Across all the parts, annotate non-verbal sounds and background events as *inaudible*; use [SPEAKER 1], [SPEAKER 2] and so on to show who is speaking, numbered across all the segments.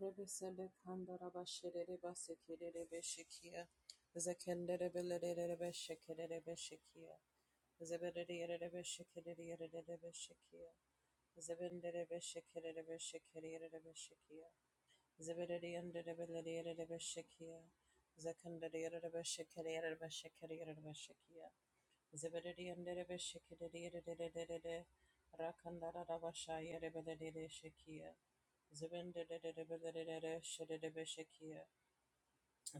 [SPEAKER 1] Rebesele kandara basherere basekerere beshekia. Zekendere belerere beshekerere beshekia. Zeberere yerere beshekerere yerere beshekia. Zebendere beshekerere beshekerere yerere beshekia. Zeberere yendere belere yerere beshekia. Zekendere yerere beshekerere yerere beshekerere yerere beshekia. Zebedee and Derebe Shikidede Rakandara Rabashaya Rebede Shekia Zebende Zebendede Shedebe Shekia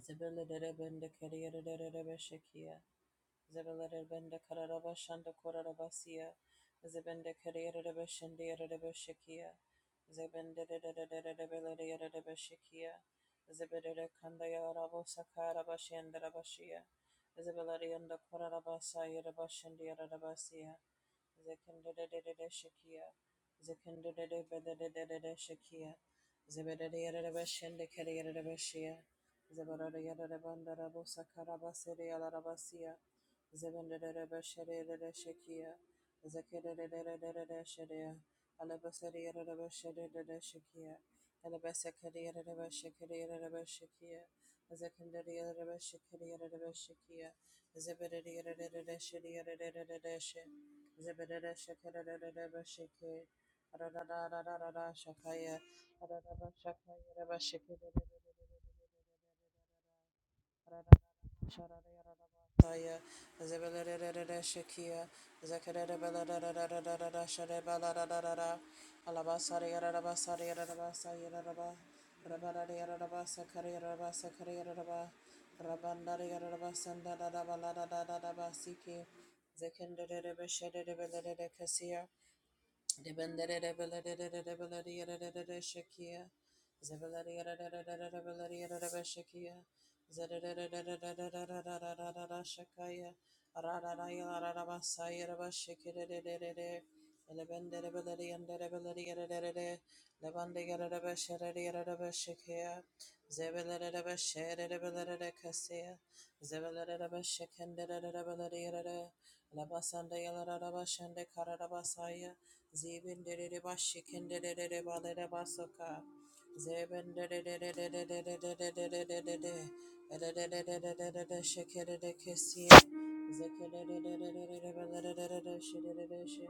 [SPEAKER 1] Zebendede Bendekaria Rebede Shekia Zebelere bende kararaba shanda koraraba siya. Zebende kararaba shende yararaba shikia. Zebende de de de de de de belere yararaba shikia. Zebelere kanda yararaba sakaraba shende rabashia. shiya. Zebelere yanda koraraba sa yararaba shende yararaba siya. Zekende de de de de shikia. Zekende de de de de de de de shikia. Zebelere yararaba shende kere yararaba shiya. Zebelere yararaba ndarabo sakaraba sere yararaba siya. Zebendera Bashadera Shakia, Zakadera Shadia, Alabasadera Bashadera Shakia, Alabasakadera Bashakadera Bashakia, Zakandera Bashakadera Bashakia, Zebedera Shadia Dash, Zebedera Shakadera Bashaki, Radada Shakaya, Radaba Shakaya Bashakadera Zekendere Zebelere Labasanda Yalarabashande Karabasaya Zeben de de bashikin de de de balada basoka. Zeben de de de de de de de de de de de de de de de shake de de kissin. Zeke de de de de de de balada de de she de de she.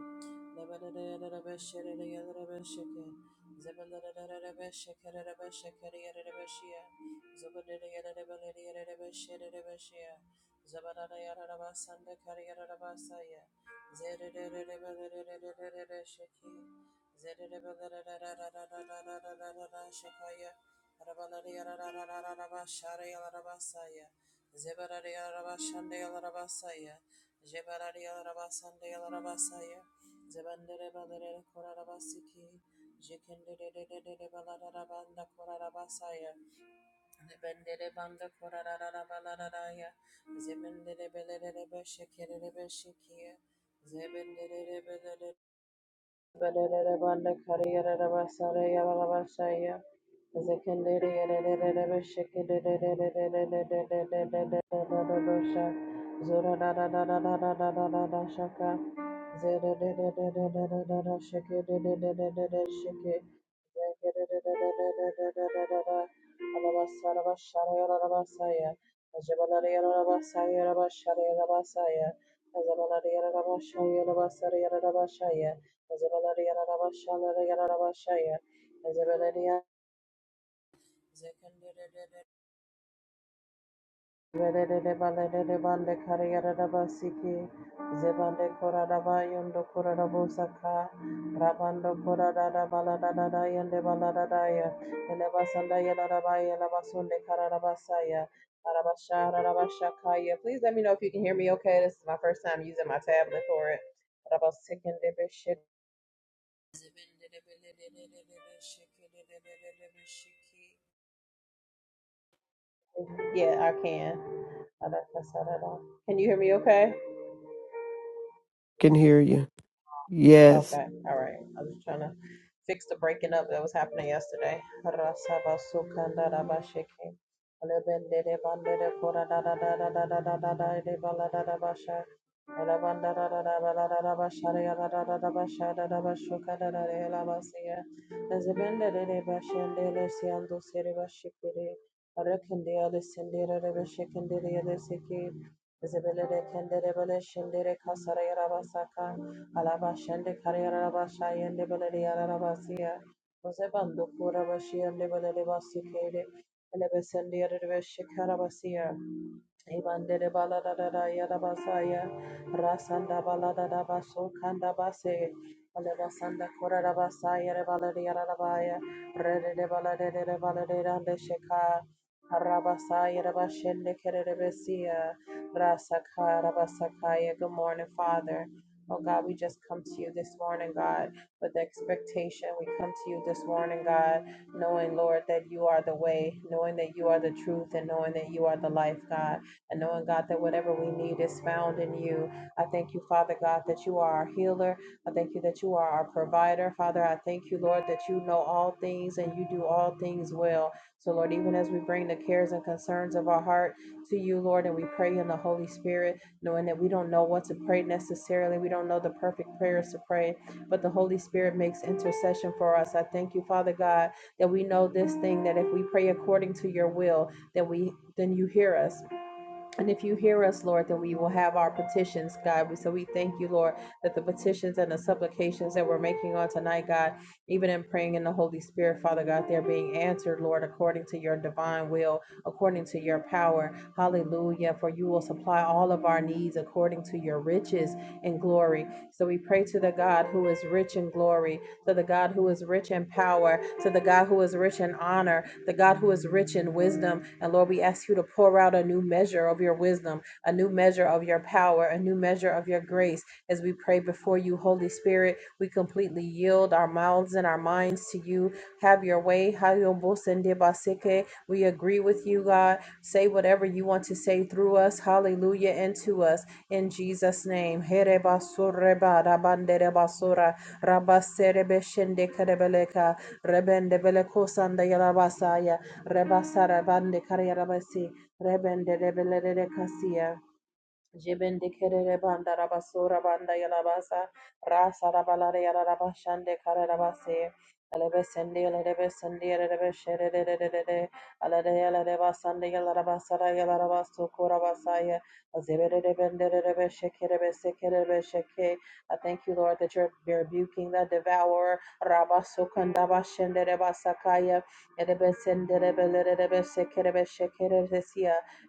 [SPEAKER 1] Lebada de de de beshe de de de beshake. Zeben de de de de beshake de de beshake de de beshia. Zeben de de de de balada de de beshe de de beshia. Zabada de de basanda kari de basaya. Zebra Zibendere banda korarara balararaya. Zibendere belere beşekere beşekiye. Zibendere belere belere banda kariyere basara yalala başaya. Zekendere yerere beşekere başa. Zora da da da da da da da da da da şaka. Zere de de de de de de de de şeke de de de de de de şeke. Zekandarabashaya Vedere balere de Bande Kariyarabasiki, Zebande Koradaba, Yondo Koradabosaka, Rabando Koradada Baladada, Yende Baladadaya, Elebasanda Yeladabaya, Labasunde Karadabasaya, Arabasha, Arabashakaya. Please let me know if you can hear me okay. This is my first time using my tablet for it. Arabasikende Beshik. Yeah, I can. Can you hear me okay?
[SPEAKER 2] can hear you. Yes.
[SPEAKER 1] Okay, all right. I'm just trying to fix the breaking up that was happening yesterday. Alabashande Kariarabashayande Beleriarabasiya, Osebando Kurabashiande Beleribasi Kede, Elebesende Arabashikarabasiya, Ibandere balada da da yada basaya rasanda balada da baso kanda base ale basanda kora da basaya re balade yada da baya re de de balade de de balade da de sheka Rabasaya Rabashende Kerebesia Rasaka Rabasakaya. Good morning, Father. Oh God, we just come to you this morning, God, with expectation. We come to you this morning, God, knowing, Lord, that you are the way, knowing that you are the truth, and knowing that you are the life, God and knowing, God, that whatever we need is found in you. I thank you, Father God, that you are our healer. I thank you that you are our provider. Father, I thank you, Lord, that you know all things and you do all things well. So, Lord, even as we bring the cares and concerns of our heart to you, Lord, and we pray in the Holy Spirit, knowing that we don't know what to pray necessarily, we don't know the perfect prayers to pray, but the Holy Spirit makes intercession for us. I thank you, Father God, that we know this thing that if we pray according to your will, that we then you hear us. And if you hear us, Lord, then we will have our petitions, God. so we thank you, Lord, that the petitions and the supplications that we're making on tonight, God, even in praying in the Holy Spirit, Father God, they're being answered, Lord, according to your divine will, according to your power. Hallelujah. For you will supply all of our needs according to your riches and glory. So we pray to the God who is rich in glory, to the God who is rich in power, to the God who is rich in honor, the God who is rich in wisdom. And Lord, we ask you to pour out a new measure of your wisdom, a new measure of your power, a new measure of your grace. As we pray before you, Holy Spirit, we completely yield our mouths and our minds to you. Have your way. We agree with you, God. Say whatever you want to say through us. Hallelujah. Into us in Jesus' name. Here basura rabasere beshende kerebeleka rebende beleko sanda yarabasaya rebasara bande kariyarabasi rebende rebelere Jibende kerere banda rabasura banda yalabasa rasa rabalare yararaba shande kararabase alebe sende alebe sende alebe shere de de de de de alade yalade basande yalaraba sara yalaraba azebere de bende de de be shekere be I thank you Lord that you're rebuking the devourer rabasukanda bashende de basakaya elebe sende de be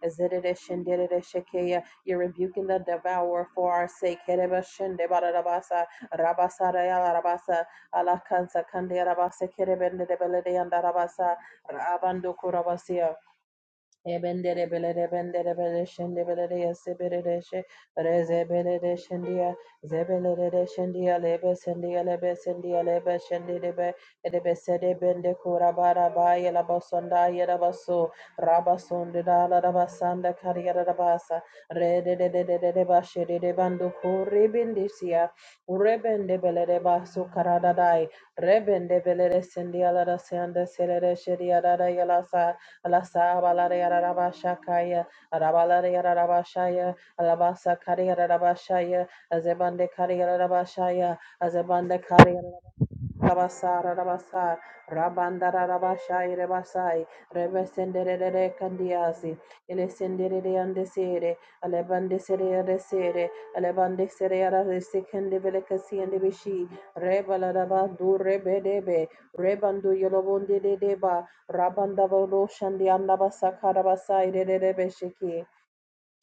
[SPEAKER 1] ezere de shende de shekeya you're rebuking the devourer for our sake. Kerebashende barabasa, rabasara yala rabasa, alakansa kande rabasa kerebende debelede yanda rabasa, rabando kurabasia. Ebendere belere bendere bele şende belere yese belere şe reze belere şendiya zebelere de şendiya lebe sendiya lebe sendiya lebe şendi lebe edebe sede bende kura bara ba yela basonda yela baso raba sondu da la da basanda kariyara da basa re de de de de de de başı de de bandu kuri bindisiya rebende belere basu karada day rebende belere sendiya la da sende selere şediya da da yala sa Alasa balare arabashakaya, arabalare arabashaya, alabasa kari arabashaya, azebande kari arabashaya, azebande kari Rabasara Rabasa Rabandara Rabashai Rebasai Rebesendere Candiasi Elesendere Andesere Alebandesere Resere Alebandesere Resekende Velecasi and Bishi Rebala Rabandu Rebedebe Rebandu Yolobonde de Deba Rabandava Roshan the Andabasaka Rabasai Rebeshiki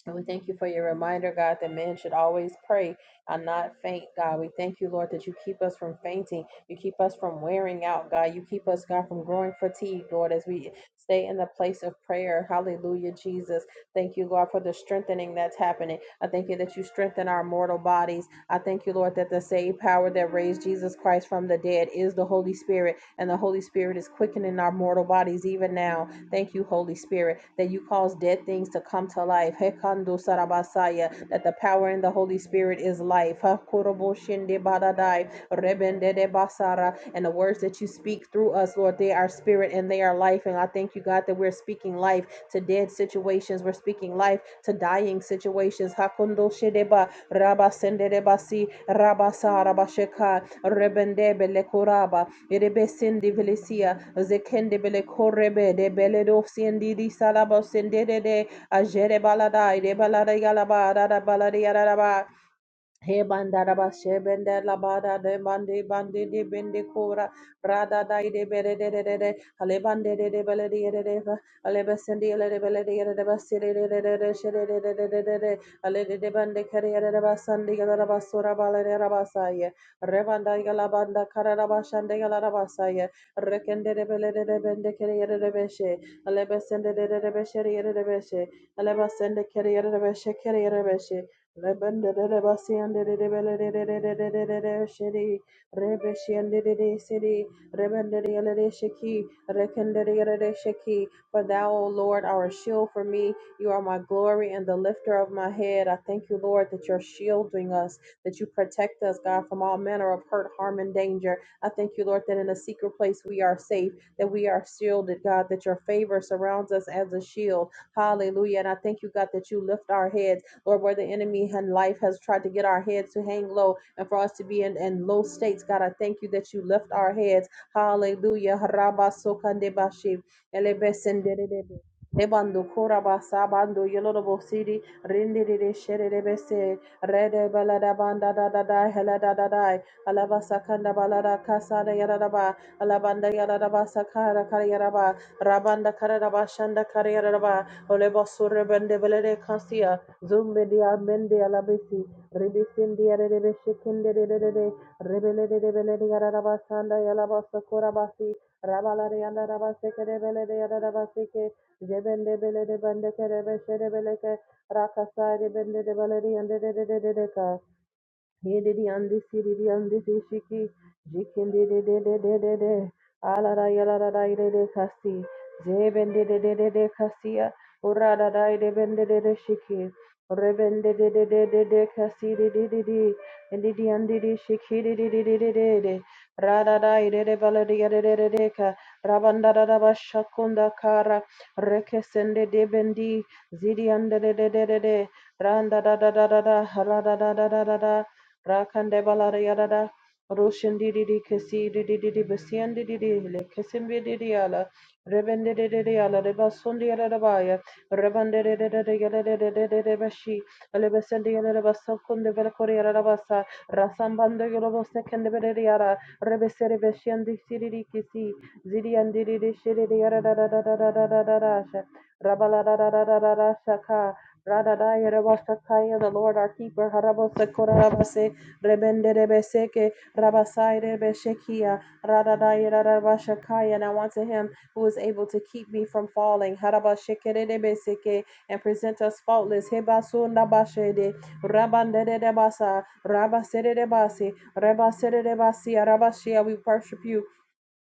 [SPEAKER 1] and we thank you for your reminder, God, that man should always pray and not faint, God. We thank you, Lord, that you keep us from fainting. You keep us from wearing out, God. You keep us, God, from growing fatigued, Lord, as we stay in the place of prayer. Hallelujah, Jesus. Thank you, Lord, for the strengthening that's happening. I thank you that you strengthen our mortal bodies. I thank you, Lord, that the same power that raised Jesus Christ from the dead is the Holy Spirit, and the Holy Spirit is quickening our mortal bodies even now. Thank you, Holy Spirit, that you cause dead things to come to life. Hekando sarabasaya, that the power in the Holy Spirit is life. Hakorobo shende badadai, rebende de basara. And the words that you speak through us, Lord, they are spirit and they are life. And I thank you, God, that we're speaking life to dead situations. We're speaking life to dying situations. Hakondo shedeba, rabasende de basi, rabasa rabasheka, rebende belekuraba. Erebesindi Velesia, Zekende Bele Korebe, de Beledosiendi di Salabosende de Ajere Baladai, de Balada Yalaba, Rada Baladi Yaraba, he bandaraba shebende la bada de bandi bandi di bindi kura brada dai de bere de de de de ale bande de de bele de de de ale besendi ale de bele de de de basiri de de de de shere de de de de de de ale de de bande kari de de basandi gala raba sura bala de raba saye re banda gala banda kara raba shande gala raba saye re kende de bele de de bende kari de de beshe ale besende de de de beshe de de beshe ale basende kari de de beshe kari de beshe for thou, O Lord, are a shield for me. You are my glory and the lifter of my head. I thank you, Lord, that you're shielding us, that you protect us, God, from all manner of hurt, harm, and danger. I thank you, Lord, that in a secret place we are safe, that we are shielded, God, that your favor surrounds us as a shield. Hallelujah. And I thank you, God, that you lift our heads. Lord, where the enemy and life has tried to get our heads to hang low and for us to be in, in low states. God, I thank you that you lift our heads. Hallelujah. Rabba sokandebashi, elebesendedebe, Debando koraba sabando yolobo siri rindi de rede balada banda da da da hela da da alaba sakanda balada kasada yarada alabanda yarada sakara kariyara rabanda karada shanda kariyara olebo surre belede Zumbedia Mendia Labisi, Ribisindia Rebeshikinde Rede, Rebele de Beledia Rabasanda Yalabasa Korabasi, Rabalarianda Rabaseke de Beledia Rabaseke, Jebende Bele de Bendeke Rebeshe de Beleke, Rakasa de Bende de Beledia and de Hedidiandi Sididiandi Shiki Jikindi de de de de de de Alara Yalara de de Kasi Zebendi de de de de Kasia Urada dai de bende de de Shiki Rebende de de de de de Kasi de de de Shiki de de de Radada irede baladia de deca, Rabanda daba shakunda kara, Rekesende de bendi, Zidianda de de de de de, Randa da da da da da, Rada da da da da da, Rakande baladia da da, Roshan di di di kesi di di di di besian di di di le kesim di di ala rebende de de de ala Rebasundi arabaya, Rebande de basundi ala da baya rebende de de de de ala de de de de de bashi ale besendi ala de basakun de bel kori ala da basa rasambanda yolo bosekende de de Rebesereveshandi Siriri Kisi, Ziriandiri Shiri Yarararararararasha, Rabalarararararashaka, Radadaya Rabasakaya, the Lord our keeper, Harabosakorabase, Rebende Rebeseke, Rabasai Rebeshekia, Radadaya Rabashakaya, and I want to him who is able to keep me from falling, Harabashekerebeseke, and present us faultless, Hebasu Nabashede, Rabandedebasa, Rabasedebasi, Reba Sede Reba Sia Raba Shia, we worship you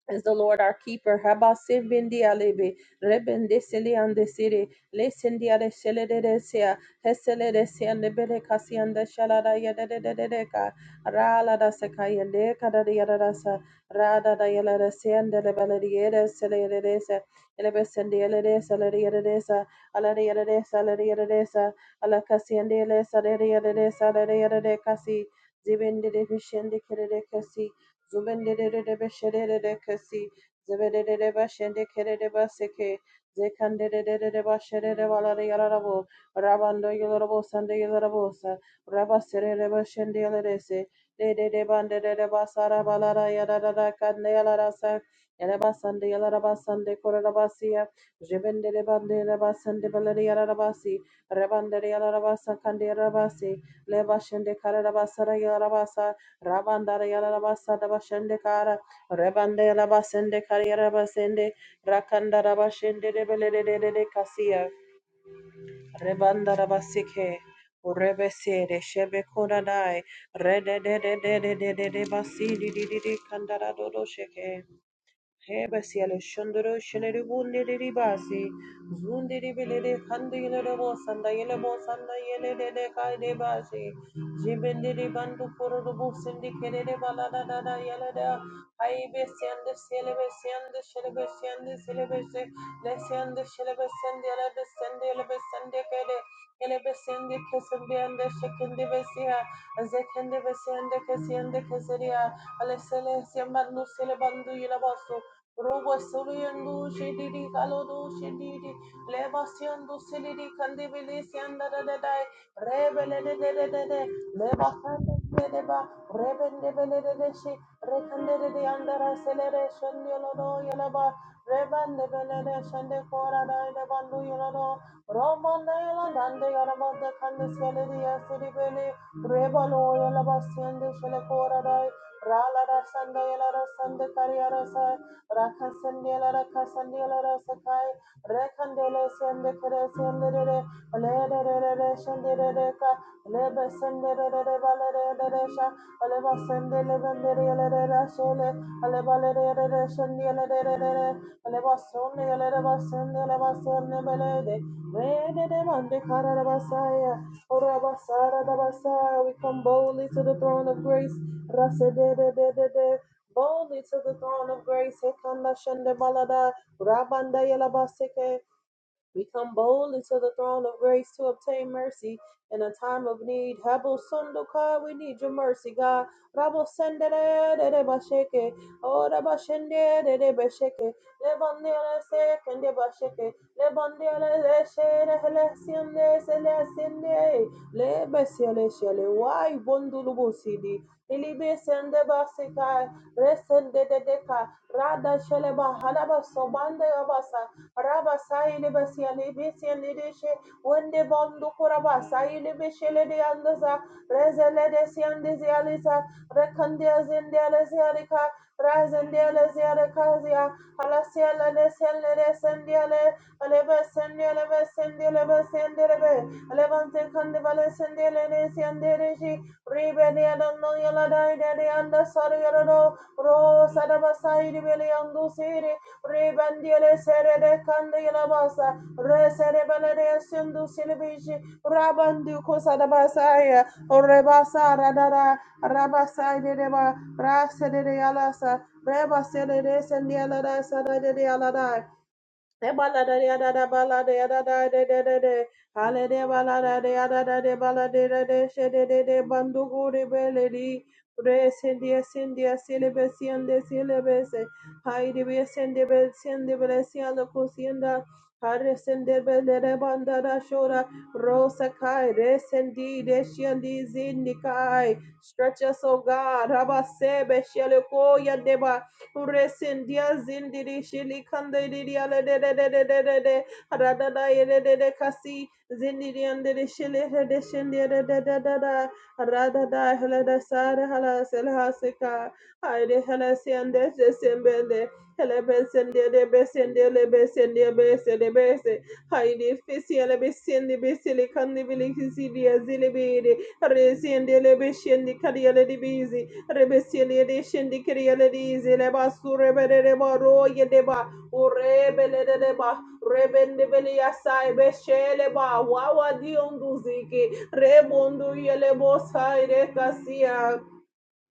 [SPEAKER 1] is the Lord our keeper. Haba sevindi alebe, rebende sili ande siri, le sindi ale shele de de sea, hesele de sea and the bede kasi and the shalada yada de de de de ka, rala da sekaya de kada de yada da sa, rada da yala de sea and the lebele de yada sele de de sa, elebe sendi Habasibindialebe, rebendesiliandesiri, lesindiadeshelededesia, heselidesiandebedekasiandeshaladayadedededeka, raladasekayandekadadiyadadasa, radadayaladasendelebelediyedeselidedesa, elebesendieledeselidiyadedesa, aladiyadedesa, aladiyadedesa, alakasiandelesadidiyadedesa, aladiyadedekasi, kasi. and de ele sa de de yada de sa, ala de yada de kasi, zibindi de vishendi kere de kasi, Zubendedede beshedede kesi. Zebedede bashende kerede baseke. Zekandedede bashedede balade yalarabo. Rabando yalarabo sande yalarabosa. Rabaserede bashende yalarese. Dedede bandedede basara balada yadadada kande yalarasa. Yarabasande yalarabasande korarabasia. Zebendede bandede basande balade yalarabasi. Rabandede yalarabasa kande yarabasi. Leba shende kararabasara yalarabasa, Rabandara Yarabasada Bashendekara, Rebandela Basende Kariera Basende, Rakandara Bashende Rebele de Cassia, Rebandara Basike, Urebese de Shebe Kodadai, Rede de de de de de de de Basidi di di di di Kandara Dodo Sheke. Hebasi ale shondoro shenere bundere ribasi zundere belere khande yelere bo sanda yele bo sanda yele de de kay de basi jibendere bandu kororo bo sindi kerere bala da da da yele da hay be sende sele be sende şele be sende sele be se le sende şele be sende yele be sende yele be sende kere yele be sende kesin be ende şekinde be siha zekende be sende kesende keseriya ale sele sembandu sele bandu yele basu Robo Suriandu Shedidi Kalodu Shedidi Lebasiandu Silidi Candibilisianda Dai Rebele Lebasanda Deba Rebendebeledeshi Rekandede de Andara Celebration Yolodo Yolaba Rebandebelede Shande Kora Dai Bandu Yolodo Roman Nailand and the Yaraba the Candiceledi Acidibele Rebalo Yolaba Siende Shelekora Dai Rala Rasanda Yala Rasanda Kariarasa Rakasandela Rakasandela Rasakai Rekandele Sende Kere Sendere Lede Shendere Reka Lebe Sendere Valere Deresha Aleva Sendele Vendere Lede Shele Aleva Lede Aleva Sonde Aleva Sende Aleva Sende Belede Rede de Mande Kara Basaya Orabasara Dabasa we come boldly to the throne of grace Rasa boldly to the throne of grace. Hekanda shende balada, rabanda yela baseke, we come boldly to the throne of grace to obtain mercy in a time of need. Habo sundo we need your mercy, God. Rabo sendere de basheke, oh de bashende de basheke, le bandele seke de basheke, le bandele le shere le siende se le siende, le besiele shele wai bondulu busidi. Ili besende basika, resende de deka, rada shele bahala basobande abasa, Rabasai Lebesia Lebesia Ledeshe, Wende Bondo Korabasai Lebeshele de Andaza, Rezele de Siandezializa, Recandia Zendelezialica, Razendelezialicazia, Alasiela de siyale de Sendele Sendiale, Alebe Sendiale Sendiale Sendelebe, Alevante Candivale Sendele Siandereji, Rebe de yadanlı yala Dai de Andasari Rodo, Ro de Basai de yandu Siri, Ribandiele serede kandila basa. Resere balere sindu silibishi. Rabandu kusa da basaya. Rebasa radara. Rabasa dedeba. Rasede de alasa. Rebasede de sendiela da sada de alada. Stretch us, O God. Rabba Sebe Sheleko yadeba. Uresindia zindiri shili kandiriya le de de de de de de de radada yede de de de kasi zindiri andere shili de shindi de de de de de radada hele de sare hele selha seka hayde hele sende de sembele hele besende de besende le besende besende bese Haile fesiele besende besele kande bile kizidia zile bede. Resende le beshende kariele di bizi. Rebesiele de shende kariele di zile basu rebele de baro ye de ba. Urebele de de ba. Rebende bele yasai beshele ba. Wawa di onduzike. Rebondo yele bosai kasia.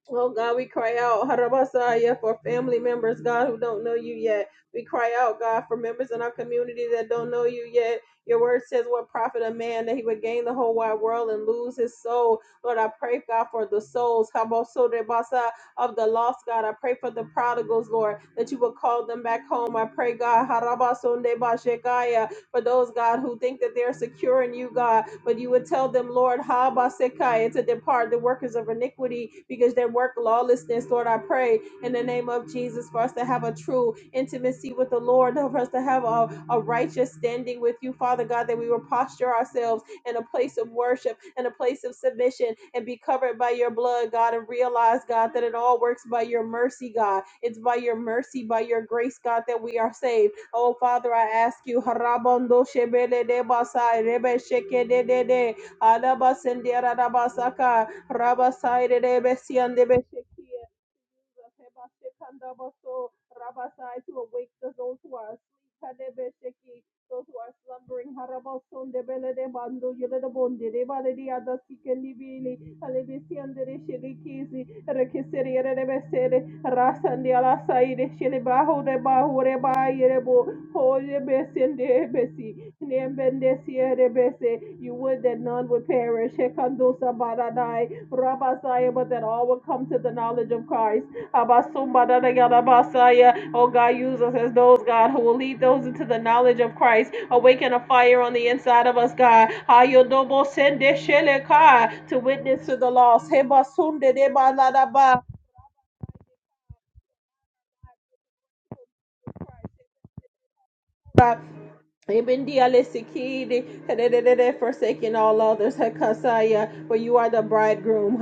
[SPEAKER 1] Oh God, we cry out, Harabasaya, for family members, God, who don't know you yet. We cry out, God, for members in our community that don't know you yet. Your word says, What profit a man that he would gain the whole wide world and lose his soul? Lord, I pray, God, for the souls, Habosorebasa, of the lost, God. I pray for the prodigals, Lord, that you would call them back home. I pray, God, Harabasondebashekaya, for those, God, who think that they're secure in you, God, but you would tell them, Lord, Haba Sekaya, to depart the workers of iniquity because they work lawlessness. Lord, I pray in the name of Jesus for us to have a true intimacy with the Lord, for us to have a, a righteous standing with you, Father God, that we will posture ourselves in a place of worship and a place of submission and be covered by your blood, God, and realize, God, that it all works by your mercy, God. It's by your mercy, by your grace, God, that we are saved. Oh, Father, I ask you, Harabondo Shebele de Basai, Rebe Sheke de de de, Alabasendera Rabasaka, Rabasai de Besian de Besheki. Jesus. Heba shekandabaso rabasai to awake those who are asleep. Hadebe those who are slumbering. Harabason de bele de bando yele de bonde de bale di ada sikeli bili. Halebi siende de sheli kizi. Rekeseri ere de besere. Rasandi ala saide sheli baho de baho re ba yere bo. Hoye besende besi. Nembende siere You would that none would perish. Hekandosa baradai. Rabbi but that all will come to the knowledge of Christ. Kabasumbadadayadabasaya. Oh God, use us as those, God, who will lead those into the knowledge of Christ. Awaken a fire on the inside of us, God. Hayodobosendesheleka, To witness to the lost. Hebasundedebadadaba. Ebindialesikidi, hedededede, Forsaking all others, for you are the bridegroom.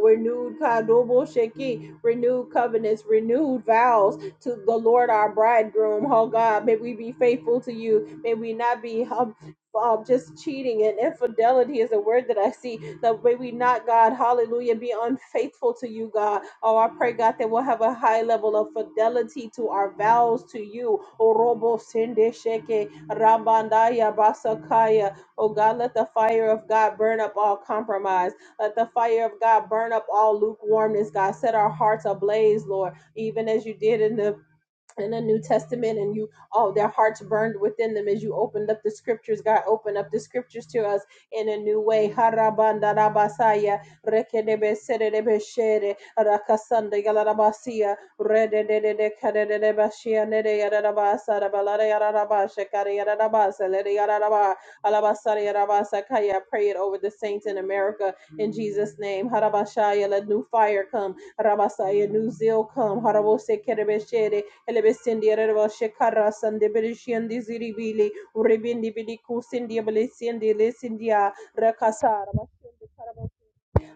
[SPEAKER 1] Renewed kadobo renewed covenants, renewed vows to the Lord our bridegroom. Oh God, may we be faithful to you. May we not be um, just cheating and infidelity is a word that I see. That may we not, God, hallelujah, be unfaithful to you, God. Oh, I pray, God, that we'll have a high level of fidelity to our vows to you. Oh, Robo Sende Sheke, Rabandaya Basakaya. Oh, God, let the fire of God burn up all compromise. Let the fire of God burn up all lukewarmness, God. Set our hearts ablaze, Lord, even as you did in the in the New Testament and you oh their hearts burned within them as you opened up the scriptures. God opened up the scriptures to us in a new way. Harabandarabasaya, rekedebeserebeshere, rakasandayalarabasia, rededededekadededebasia, nedeyararabasa, rabalarayararabasha, karayararabasa, ledeyararaba, alabasarayarabasakaya. Pray it over the saints in America in Jesus' name. Harabashaya, Let new fire come. Rabasaya, New zeal come. Harabose kerebeshere, Elebesendiere Shekara Sande Berishiandi Ziribili Uribindi Biliku Sindia Belisiandi Lesindia Rakasar Basundi Karabasu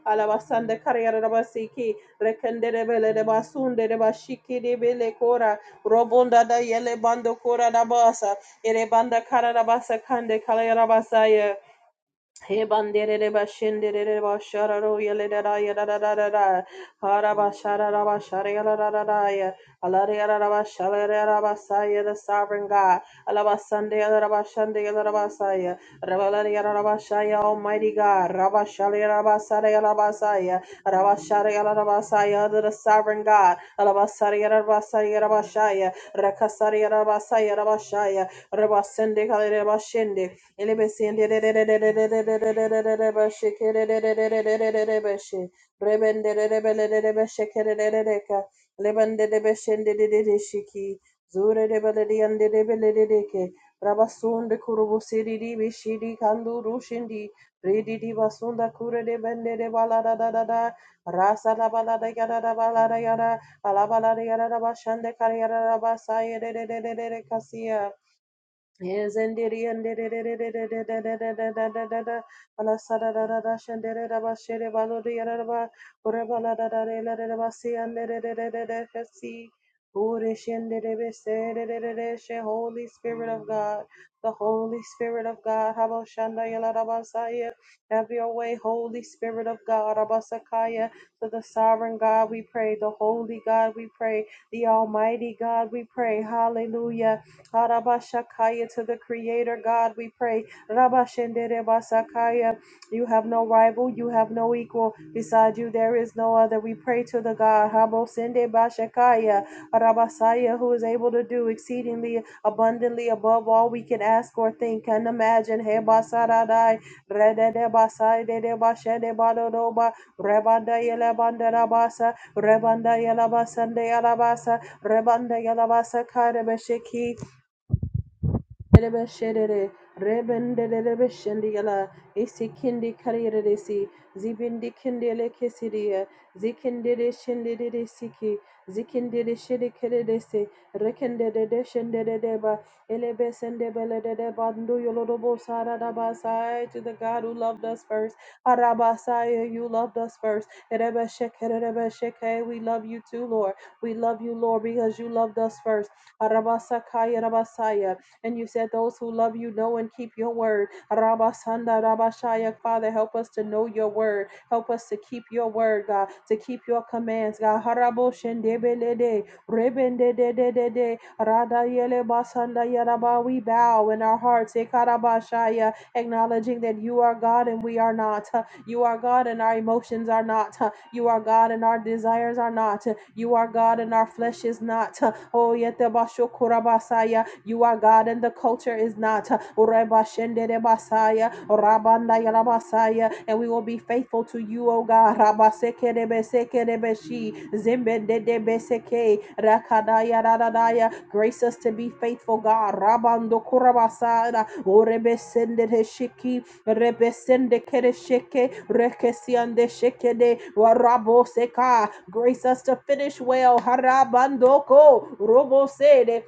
[SPEAKER 1] Alabasande Kariara Rabasiki Rekendere Bele de Basunde de Bashiki de Bele Kora Robonda da Yele Bando Kora Rabasa Erebanda Karabasa Kande Kalayarabasaya he banderere bashenderere bashararo yelerara yarararara harabasharara bashara yarararara ya da da da da ya alare yarara bashara yarara basaya the sovereign God alabasande yarara bashande yarara basaya rabalare yarara bashaya almighty God rabashara yarara basara yarara basaya rabashara yarara basaya the sovereign God alabasara yarara basaya yarara bashaya rakasara yarara basaya yarara bashaya rabasende kalere bashende Rabasunde rasa Holy Spirit of God, the Holy Spirit of God, have your way, Holy Spirit of God, Abasakaya, to the sovereign God we pray, the holy God we pray, the almighty God we pray, hallelujah. Harabashakaya to the Creator God, we pray. Rabashenderebasakaya. You have no rival, you have no equal. Beside you, there is no other. We pray to the God, Habosendebashakaya, Rabasaya, who is able to do exceedingly abundantly above all we can ask or think and imagine. Hebasaradai, Rededebasaidedebashedebalodoba, Rebandayelebandarabasa, Rebandayelabasandeyalabasa, Rebanda Yalabasa Karabashiki Rebe şerere, rebendere beşendiyala, isikindi kariyeresi, zibindi kindele kesiriye, zikindere şendere siki, zikindere şeri kereresi, rekendere de şendere deba, elebe sende belede de bandu yolorobo sararabasai to the God who loved us first, arabasai you loved us first, rebe şekere rebe şeke, we love you too Lord, we love you Lord because you loved us first, arabasakaya rabasaya, and you said, Those who love you know and keep your word. Rabasanda Rabashaya, Father, help us to know your word. Help us to keep your word, God, to keep your commands, God. Haraboshendebelede, rebendedededede, radayelebasanda yaraba. We bow in our hearts, Ekarabashaya, acknowledging that you are God and we are not. You are God and our emotions are not. You are God and our desires are not. You are God and our flesh is not. Oh, yete kurabasaya. You are God and the culture is not. Urebashende basaya. Rabanda yalabasaya. And we will be faithful to you, O God. Rabaseke debeseke debeshi. Zimbende debeseke. Rakadaya radadaya. Grace us to be faithful, God. Rabando kurabasada. Urebesende shiki. Rebesende kere sheke, rekesiande sheke de warabo seka. Grace us to finish well. Harabandoko robo sede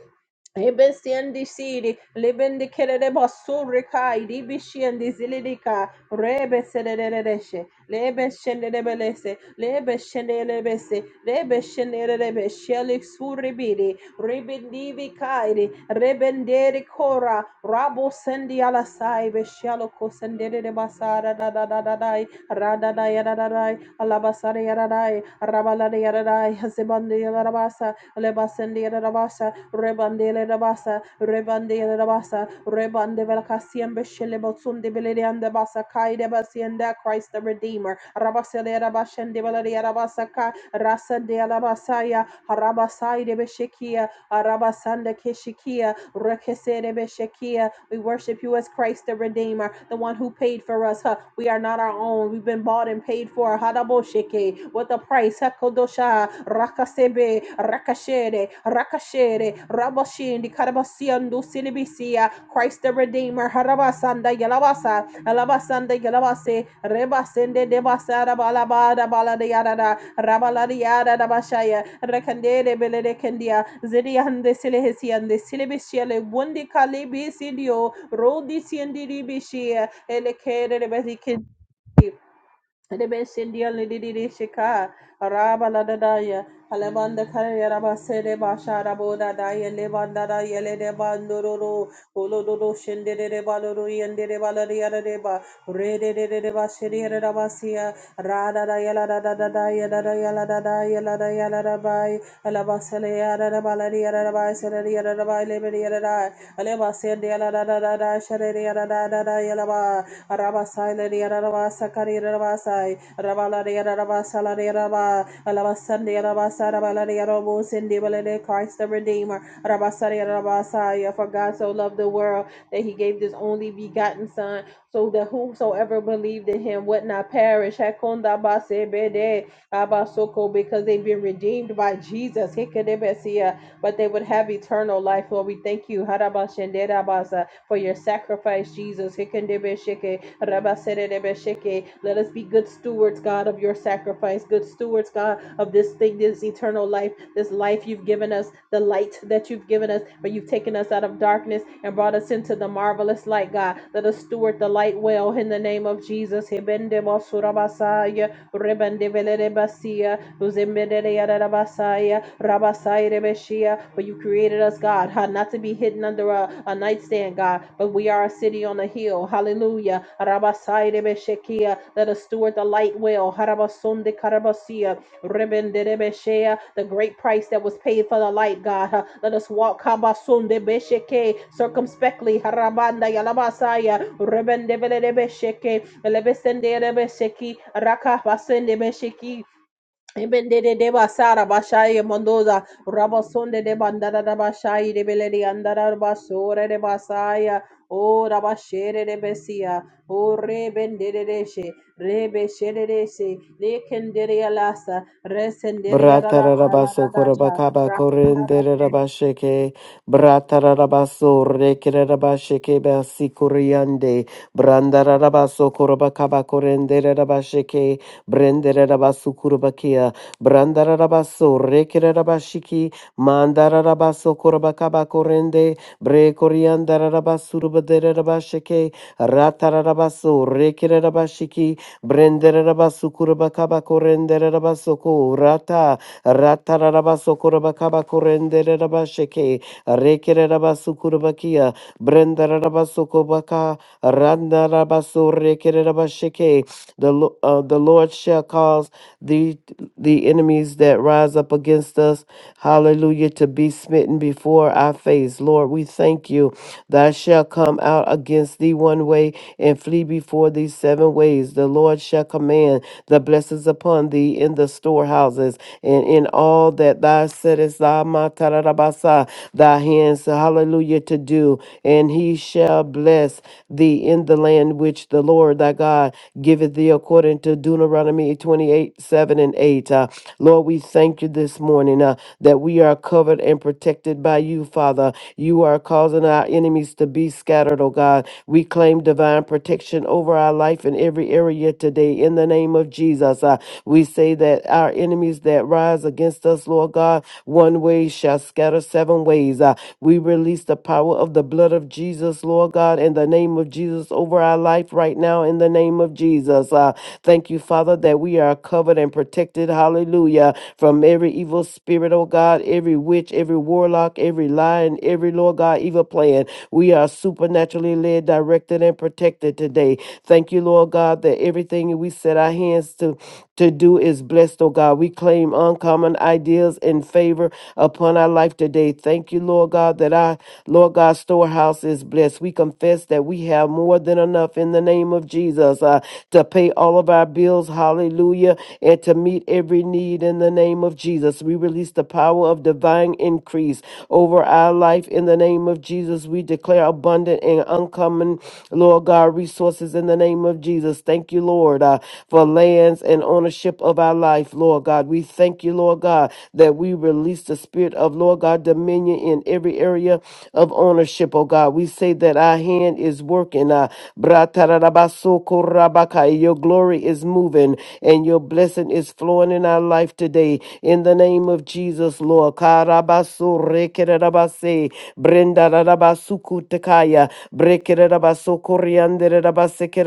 [SPEAKER 1] Eben siendi siri, lebendi kerere basuri kai, ribi siendi zilidika, rebe sererereshe, lebe shenderebelese, lebe shenderebese, lebe shenderebe, shelik suribiri, ribendivi kairi, rebenderi kora, rabo sendi ala saibe, shaloko sendere basara da da da da dai, radada yada da dai, alabasari yada dai, rabalari yada dai, hazibandi yada Lebasendele Rabasa, Rebandele Rabasa, Rebandele Rabasa, Rebande Velcasiembe Shelebotsunde Belerianda Basa, Kaide Basienda, Christ the Redeemer, Rabasele Rabashende Valeria Rabasaka, Rasa de Alabasaya, Harabasai de Beshekia, Arabasanda Keshikia, Rekesere Beshekia, we worship you as Christ the Redeemer, the one who paid for us. huh? We are not our own. We've been bought and paid for. Hadaboshike. What the price? Hakodosha. Rakasebe. Rakashere. Rakashere. Rabashindi. Karabasiandu. Silibisia. Christ the Redeemer. Harabasanda. Yalabasa. Alabasanda. Yalabase. Rebasende. Debasa. Rabalabada. Balada. Rabalariada Dabashaya, Rekandere Belerekendia, Zidiande Silehesiande, Silebisiele, Wundi Kalibi Sidio, Rodi Siendiri Bishia, Elekere Bezikin. Rebesindia lididi shika araba la dadaya alamanda kare araba sere basha raboda daya levanda da yele de bandoro olo do do shende de de baloro yende de balari ara de ba re de de de de ba shiri ara da basia ra da da yala da da da da yala da yala da da yala da yala da bai alaba da balari da bai sele da bai leberi da alaba sende da da da da shere da da da yala Rabasai Lady Rabasa Kari Rabasai Rabala Rabasa Lady Rabba Alabasandi Rabasa Rabala Robo Cindy Valade Christ the Redeemer Rabasari Rabasai for God so loved the world that he gave his only begotten son so that whosoever believed in him would not perish Hakonda Base Bede Abasoko because they've been redeemed by Jesus Hikedebesia but they would have eternal life. Lord, we thank you. Harabashenderabasa for your sacrifice, Jesus. Hikandebeshike, rabasedebeshike. Let us be good stewards, God, of your sacrifice, good stewards, God, of this thing, this eternal life, this life you've given us, the light that you've given us, but you've taken us out of darkness and brought us into the marvelous light, God. Let us steward the light well in the name of Jesus. Hibendebosurabasaya, rebendebeledebasia, Uzimedede Yarabasaya, Rabasaya Rebeshia. For you created us, God, ha, not to be hidden under a, a nightstand, God, but we are a city on a hill. Hallelujah. Rabasaya Rebeshekia. Let us steward the light well. Harabasunde Karabasia. Rebende Rebeshea. The great price that was paid for the light, God. ha. Let us walk Habasunde Besheke circumspectly. Harabanda Yalabasaya. Rebende Rebesheke. Elebesende Rebesheki. Raka Basende Besheki. Ebende de deba sara bashai mondoza rabasonde de bandara da bashai de beleri andara basore de basaya o rabashere de besia o re bende de deshe re beshere de se le kendere alasa re sendere yalasa la la
[SPEAKER 2] Bratarabaso
[SPEAKER 1] dasha
[SPEAKER 2] korabakaba
[SPEAKER 1] rakunda base
[SPEAKER 2] korenderabasheke bratarabaso rekerabasheke basikuriande brandarabaso korabakaba korenderabasheke brenderabasu kurabakia brandarabaso rekerabashiki mandarabaso korabakaba korende brekoriandarabasuru baderabasheke ratarabaso rekerabashiki Brenderabasukurabakabakorenderabasoko rata ratarabasokorobakorenderabasheke rekerabasukurabakia brenderabasokobaka randarabasorekerabasheke. The Lo- uh, the Lord shall cause the the enemies that rise up against us, hallelujah, to be smitten before our face. Lord, we thank you. Thou shalt come out against thee one way and flee before thee seven ways. The Lord shall command the blessings upon thee in the storehouses and in all that thou settest thy ma- ta- thy hands, hallelujah, to do. And he shall bless thee in the land which the Lord thy God giveth thee according to Deuteronomy 28 7 and 8. Uh, Lord, we thank you this morning this morning uh, that we are covered and protected by you, Father. You are causing our enemies to be scattered, oh God. We claim divine protection over our life in every area today in the name of Jesus. Uh, we say that our enemies that rise against us, Lord God, one way shall scatter seven ways. Uh, we release the power of the blood of Jesus, Lord God, in the name of Jesus over our life right now in the name of Jesus. Jesus. Uh, thank you, Father, that we are covered and protected. Hallelujah. From every evil spirit, oh God, every witch, every warlock, every lion, every, Lord God, evil plan. We are supernaturally led, directed, and protected today. Thank you, Lord God, that everything we set our hands to to do is blessed, oh God. We claim uncommon ideas and favor upon our life today. Thank you, Lord God, that I, Lord God, story storehouse is blessed. We confess that we have more than enough in the name of Jesus uh, to pay all of our bills. Hallelujah. And to meet every need in the name of Jesus. We release the power of divine increase over our life in the name of Jesus. We declare abundant and uncommon, Lord God, resources in the name of Jesus. Thank you, Lord, uh, for lands and ownership of our life, Lord God. We thank you, Lord God. God, that we release the spirit of, Lord God, dominion in every area of ownership, oh God. We say that our hand is working. Uh, bratarabasokorabaka. your glory is moving and your blessing is flowing in our life today. In the name of Jesus, Lord. Karabasorekerabase, brendarabasukutakaya, brekerabasokorianderabaseke,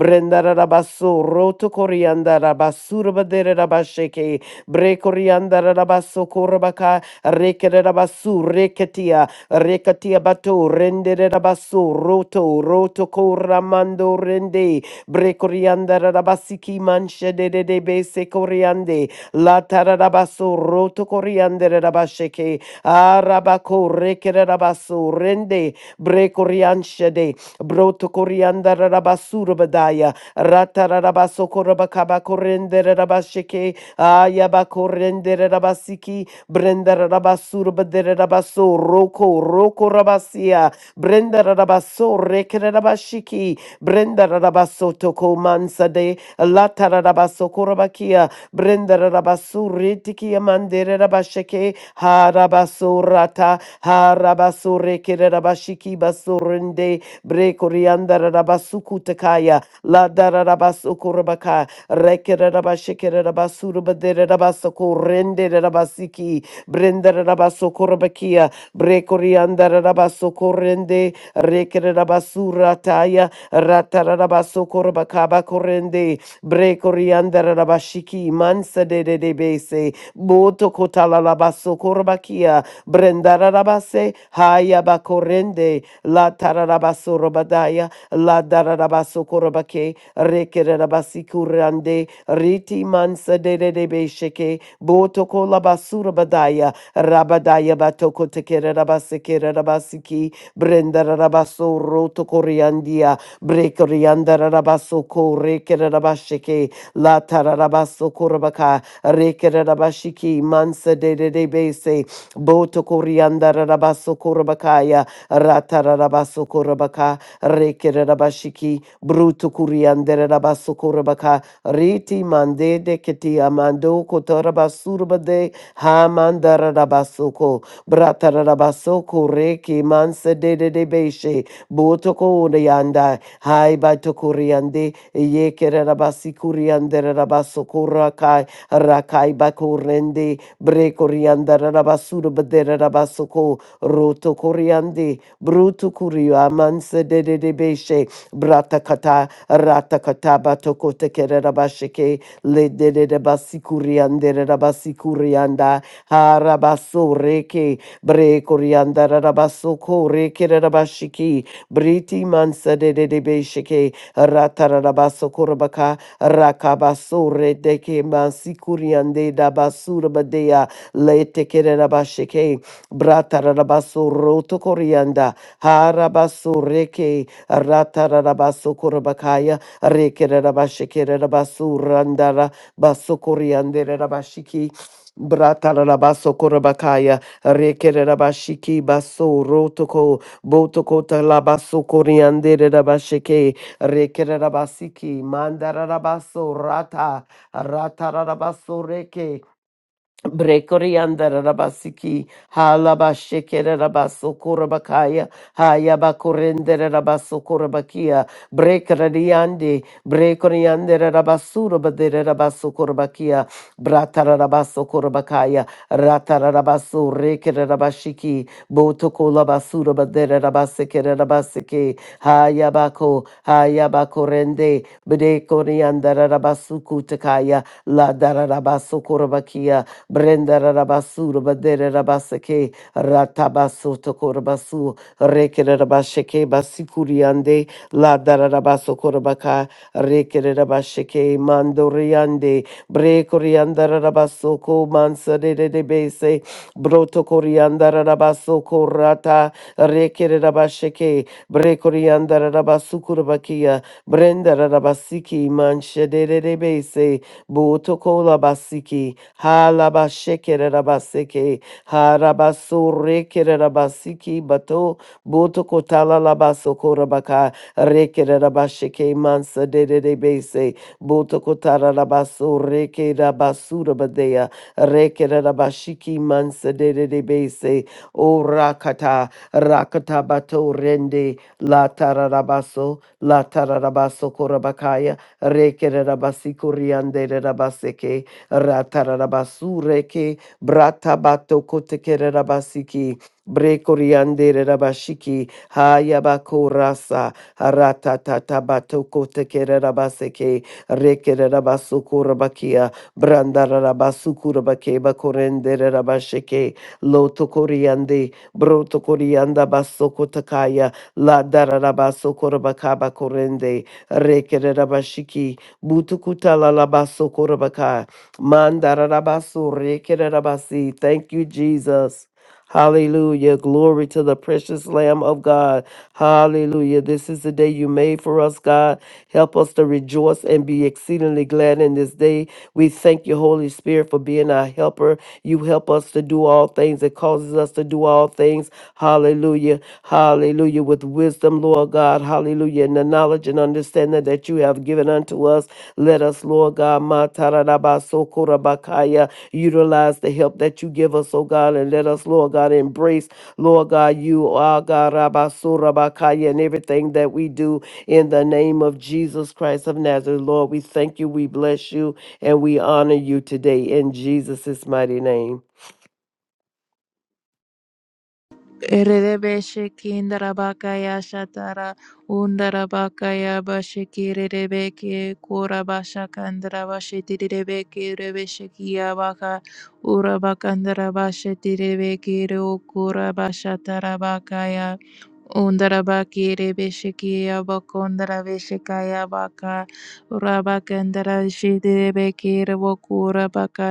[SPEAKER 2] Brendarabasoroto Korianda Rabasurabadere Brekorianda Rabaso Korabaka, Rekerabasu, Reketia, Rekatia Bato, Rende Rabasu, Roto, Roto Koramando Rende, Brekorianda Rabasiki Manche de de de Bese Coriande, La Tararabaso, Roto Coriande Rabasheke, Arabako, Rekerabasu, Rende, Brekorianche de, Broto Corianda Rabasura Badaya, Ratarabaso Korabakaba Corende Ayabakorendere rabasiki, brendere rabasur bedere rabaso, roko, roko rabasia, brendere rabaso, rekere rabashiki, brendere rabaso toko mansa de, latara rabaso korabakia, Brendara rabasuri tiki amandere rabasheke harabasurata harabasureke rabashiki basurende brekoriandara rabasukutakaya la dara rabasukurabaka rekere rabasheke rabasurabadere rabasakurende rabasiki brendara rabasukurabakia brekoriandara rabasokorende rekere rabasurata ya ratara rabasokorabakaba korende Bre coriander rabashiki mansa de de de bese. Boto kotala labaso korbakia. Brendara rabase. Haya bakorende. La tararabaso robadaya. La dararabaso korbake. Rekere rabasi kurande. Riti mansa de de de besheke. Boto kolabasura badaya. Rabadaya batoko tekere rabase kere rabasiki. Brendara rabaso roto koriandia. Brekorianda Rabasoko, Rekerabashike, La Tararabasoko Rabaka, Rekerabashiki, Mansa de de Bese, Boto Korianda Rabasoko Rabakaya, Ratarabasoko Rabaka, Rekerabashiki, Bruto Korianda Rabasoko Rabaka, Riti Mande de Keti Amando, Kotorabasurba de Hamandara Rabasoko, Bratarabasoko, Reki, Mansa de de Beshe, Botoko de Yanda Hai bato kuriande ye kere rabasi kuriande rabaso kurakai rakai bakurende bre kurianda rabasuru bedere rabasoko roto kuriande brutu kuriu amanse de de de beshe brata kata rata kata bato kote kere rabashike le de de de basi kuriande rabasi kurianda harabaso reke bre kurianda rabaso kore kere rabashiki Briti mansa de de de beshike ratarabaso korabaka rakabasore deke mansikuriande dabasurabadea letekere rabashike bratarabaso rotokorianda harabaso reke ratarabaso korabakaya rekere rabashike rabasurandara basokoriande rabashiki Bratarabaso Korabakaya, Rekerabashiki Baso Rotoko, Botokota labaso coriande rabasheke, rekerabasiki, mandarabaso rata, ratarabaso reke, Brekorianda Rabasiki, Halabashekere Rabaso Kurabakaya, Hayabakurende Rabaso Kurabakia, Brekradiande, Brekoriande Rabasura de Rabaso Kurabakia, Bratarabaso Kurabakaya, Ratarabaso Rekere Rabashiki, Botokola Basura de Rabasekere Rabaseke, Hayabako, Hayabakurende, Brekorianda Rabasukutakaya, La Darabaso Kurabakia, Brenda Rabasura Badere Rabaseke Ratabaso Tokorabasu Rekere Rabasheke Basikuriande La Darabaso Korabaka Rekere Rabasheke Mandoriande Bre Corianda Rabasoko Mansare de de Bese Broto Corianda Rabasoko Rata Rekere Rabasheke Bre Corianda Rabasukurabakia Brenda Rabasiki Manshadere de de Bese Botokola Basiki Halabashekerabaseke, Harabasorekerabasiki bato, boto kotala Botokotalabasokorabaka, Rekerabasheke mansa de de de base, Botokotarabasurekerabasudabadea, Rekerabashiki mansa de de de base, O Rakata, Rakata bato rende, La Tararabaso, La Tararabaso Korabakaya, Rekerabasi Kuriande rabaseke, ratararabasureke bratabato kotekererabasiki brekoriandere rabashiki hayabakorasa ratatatabato kotekererabaseke rekererabasukurabakia brandararabasukurabake bakorendere rabasheke lotokoriande brotokorianda basokotakaya ladararabasukurabakaba korende la darabaso korabakaba korende rekere rabashiki butukuta rekererabashiki butukutalalabasokurabaka Mandarabasu rekerabasi. Thank you, Jesus. Hallelujah. Glory to the precious Lamb of God. Hallelujah. This is the day you made for us, God. Help us to rejoice and be exceedingly glad in this day. We thank you, Holy Spirit, for being our helper. You help us to do all things. It causes us to do all things. Hallelujah. Hallelujah. With wisdom, Lord God. Hallelujah. And the knowledge and understanding that you have given unto us. Let us, Lord God, Matarabasokora utilize the help that you give us, oh God, and let us, Lord God, embrace, Lord God, you are God, Rabasurabakaya, and everything that we do in the name of Jesus Christ of Nazareth. Lord, we thank you, we bless you, and we honor you today in Jesus' mighty name.
[SPEAKER 3] Erebeshe kindarabakaya shatara undarabakaya bashiki rebeke kurabasha kandarabashe tirebeke rebeshekiya baka urabakandarabashe tirebeke kurabasha tarabakaya undarabaki rebeshekiya bakondarabeshekaya baka urabakandarashe tirebeke revokurabaka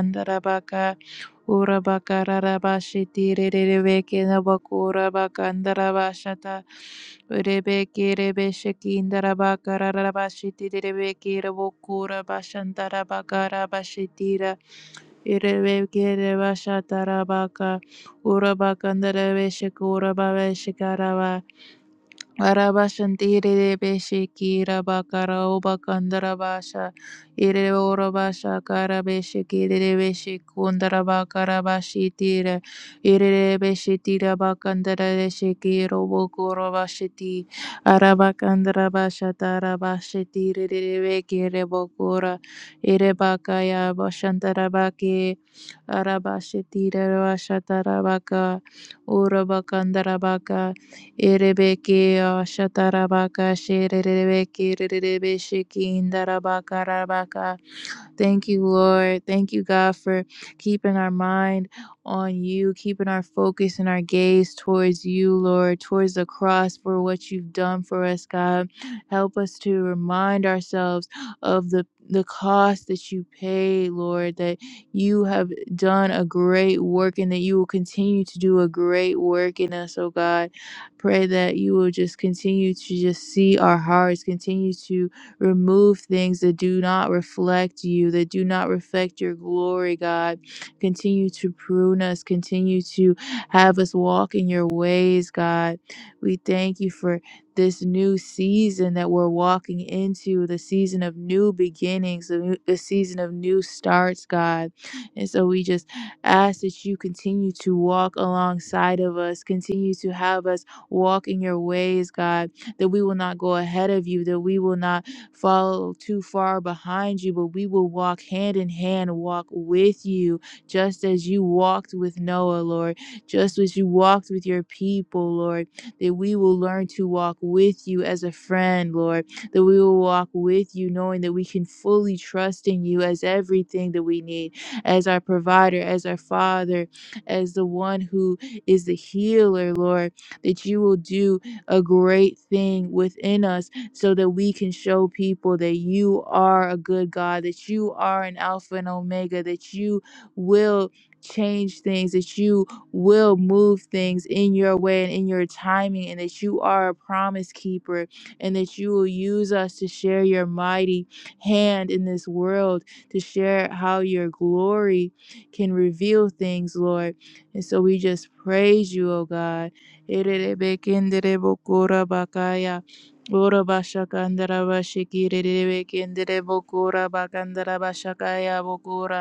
[SPEAKER 3] Ura bakara rabashi tire rebeke nabakura bakandara bashata. Rebeke rebeshe kindara bakara rabashi tire rebeke rabokura bashandara bakara bashitira. Rebeke rebashata rabaka. Ura bakandara beshe kura babeshe karaba. Arabashantirere beshikira bakara obakandara basha irere ora basha kara beshikirere beshikundara bakara bashitira irere beshitira bakandara beshikiro bokoro bashiti arabakandara bashatara bashitirere bekere bokora ire bakaya bashantara bake Arabashetira Rashatarabaka Urabakandarabaka Erebeke Ashatarabaka Sherebeke Rebeshiki Indarabaka Rabaka Thank you, Lord. Thank you, God, for keeping our mind on you, keeping our focus and our gaze towards you, Lord, towards the cross for what you've done for us, God. Help us to remind ourselves of the the cost that you paid, Lord, that you have done a great work and that you will continue to do a great work in us, oh God. Pray that you will just continue to just see our hearts, continue to Remove things that do not reflect you, that do not reflect your glory, God. Continue to prune us, continue to have us walk in your ways, God. We thank you for this new season that we're walking into, the season of new beginnings, the, new- the season of new starts, God. And so we just ask that you continue to walk alongside of us, continue to have us walk in your ways, God, that we will not go ahead of you, that we will not fall too far behind you, but we will walk hand in hand, walk with you, just as you walked with Noah, Lord, just as you walked with your people, Lord, that we will learn to walk with you as a friend, Lord, that we will walk with you, knowing that we can fully trust in you as everything that we need, as our provider, as our father, as the one who is the healer, Lord, that you will do a great thing within us so that we can show people that you are a good God, that you are an Alpha and Omega, that you will change things, that you will move things in your way and in your timing, and that you are a promise keeper, and that you will use us to share your mighty hand in this world, to share how your glory can reveal things, Lord. And so we just praise you, O God. *laughs* Ora bashakandara bashikirere bekendere bokora bakandara bashakaya bokora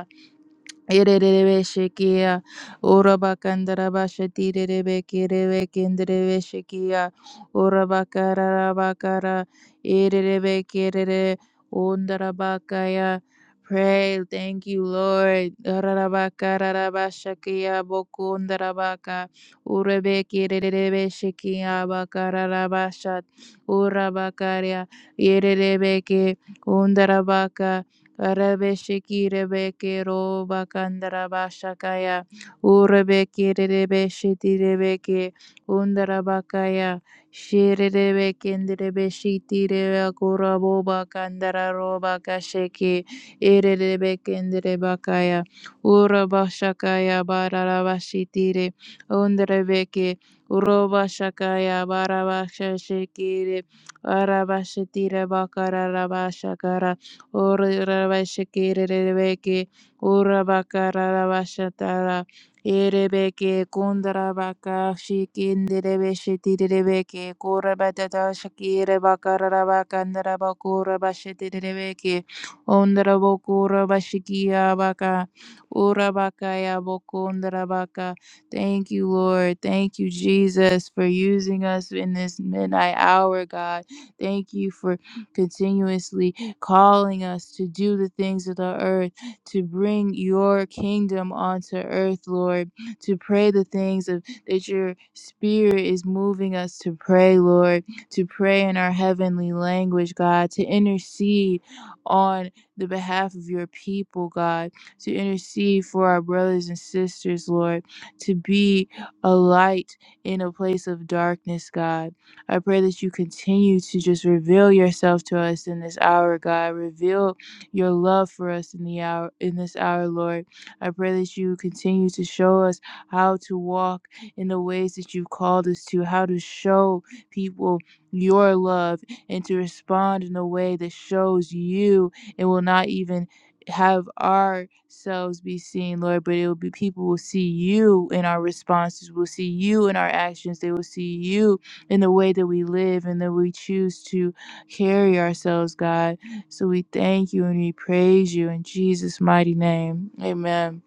[SPEAKER 3] Ererebe shekia, oraba kandaraba sheti rerebe kerebe kenderebe shekia, oraba kararaba kara, ererebe kerere, ondaraba kaya. Pray, thank you, Lord. Araraba kararaba shakia, boku ondaraba ka, urebe kererebe shekia, bakararaba shat, oraba karya, ererebe ke, ondaraba Rebeshiki rebeke ro bakandara bashakaya. Urebeke rebeshiti rebeke undara bakaya. Shere rebeke rebeshiti rebakura bo bakandara ro bakasheke. Ere rebeke rebakaya. Urabashakaya bararabashitire. Undrebeke. Urobashakaya barabashashekire. Arabashitire bakararabashakara. Orarabashakirebeke, Urabakarabashatara, Erebeke, Kundarabaka, Shikinderebeshitirebeke, Korabatata, Shakirabakarabakandarabakurabashitirebeke, Ondarabokurabashikiabaka, Urabakayabokundarabaka. Thank you, Lord. Thank you, Jesus, for using us in this midnight hour, God. Thank you for continuously calling us to do the things of the earth, to bring your kingdom onto earth, Lord, to pray the things of that your spirit is moving us to pray, Lord, to pray in our heavenly language, God, to intercede on the behalf of your people, God, to intercede for our brothers and sisters, Lord, to be a light in a place of darkness, God I pray that you continue to just reveal yourself to us in this hour, God. Reveal your love for us in the hour in this hour, Lord. I pray that you continue to show us how to walk in the ways that you've called us to, how to show people your love and to respond in a way that shows you and will not even have ourselves be seen, Lord, but it will be people will see you in our responses, will see you in our actions, they will see you in the way that we live and that we choose to carry ourselves, God. So we thank you and we praise you in Jesus' mighty name. Amen.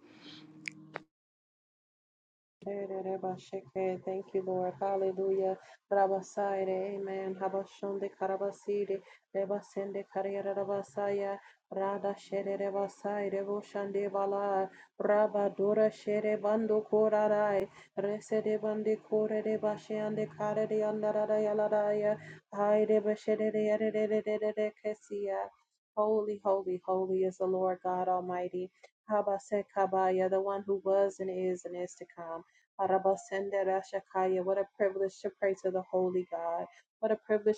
[SPEAKER 1] Erebashike. Thank you, Lord. Hallelujah. Rabasaire. Amen. Habashonde karabasire. Rebasende kariyara rabasaya. Rada shere rebasaire. Boshande bala. Rabadora shere bando korarai. Resede bande kore de bashiande kare de andarada yaladaya. Haide bashede de yere de de de de de kesia. Holy, holy, holy is the Lord God Almighty. Habasekabaya, the one who was and is and is to come. Arabasendera Shakaya. What a privilege to pray to the Holy God. What a privilege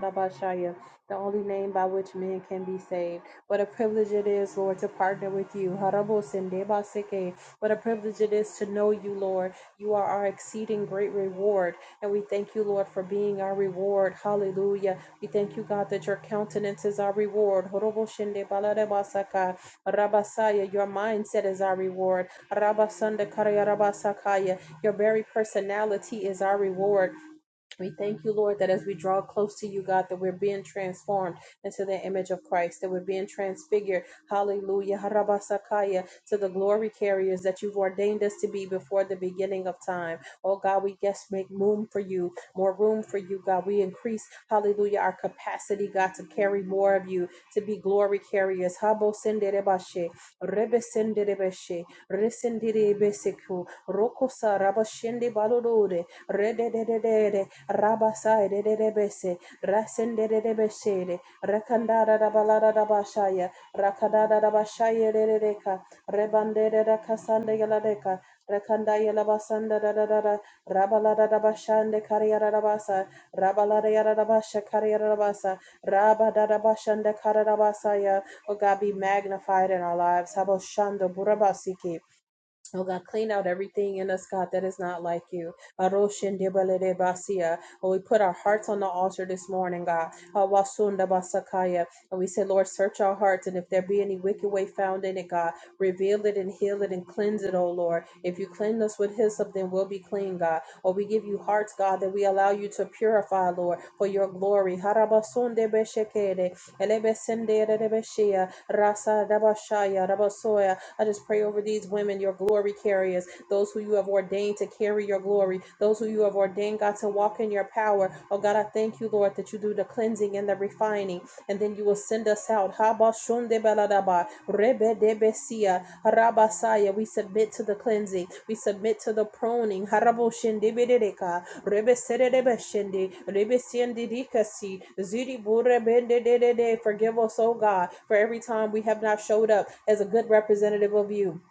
[SPEAKER 1] Rabashaya, the only name by which men can be saved. What a privilege it is, Lord, to partner with you. Harabosendebaseke. What a privilege it is to know you, Lord. You are our exceeding great reward. And we thank you, Lord, for being our reward. Hallelujah. We thank you, God, that your countenance is our reward. Horoboshendebaladebasaka. Rabasaya, your mindset is our reward. Rabasandakarabarabasakaya. Your very personality is our reward. We thank you, Lord, that as we draw close to you, God, that we're being transformed into the image of Christ, that we're being transfigured. Hallelujah. Harabasakaya, to the glory carriers that you've ordained us to be before the beginning of time. Oh, God, we yes, make room for you, more room for you, God. We increase, hallelujah, our capacity, God, to carry more of you to be glory carriers. Habo senderebashe, rebe sendere senderebeshe, resenderebeseku, rokosa rabashende balodore, rede de de de de rabasa de de rabasa redededede, rabasai de rasenderebeshere, rakandara rabalara rabashaya, rakadara rabashaya rereka, rebandere rakasande galadeka, Rakanda Yalabasanda Rada Rabalada Dabashande Kariarabasa Rabalada Yarabasha Kariarabasa Rabada Bashanda Karabasaya. Oh God, be magnified in our lives. Haboshando Burabasiki. Oh God, clean out everything in us, God, that is not like you. Aroshendebalelebasia. Oh, we put our hearts on the altar this morning, God. Awasundabasakaya. And we say, Lord, search our hearts, and if there be any wicked way found in it, God, reveal it and heal it and cleanse it, oh Lord. If you cleanse us with hyssop, then we'll be clean, God. Or we give you hearts, God, that we allow you to purify, Lord, for your glory. Harabasundebeshekere. Elebesenderebeshia. Rasa dabashaya. Rabasoya. I just pray over these women, your glory carriers, those who you have ordained to carry your glory, those who you have ordained, God, to walk in your power. Oh, God, I thank you, Lord, that you do the cleansing and the refining, and then you will send us out. Habashundebaladaba, rebedebesia, harabasaya. We submit to the cleansing, we submit to the pruning. Haraboshindebereka, Rebeserebe shende, rebesiende dikasi, ziri burebende de de de. Forgive us, oh God, for every time we have not showed up as a good representative of you.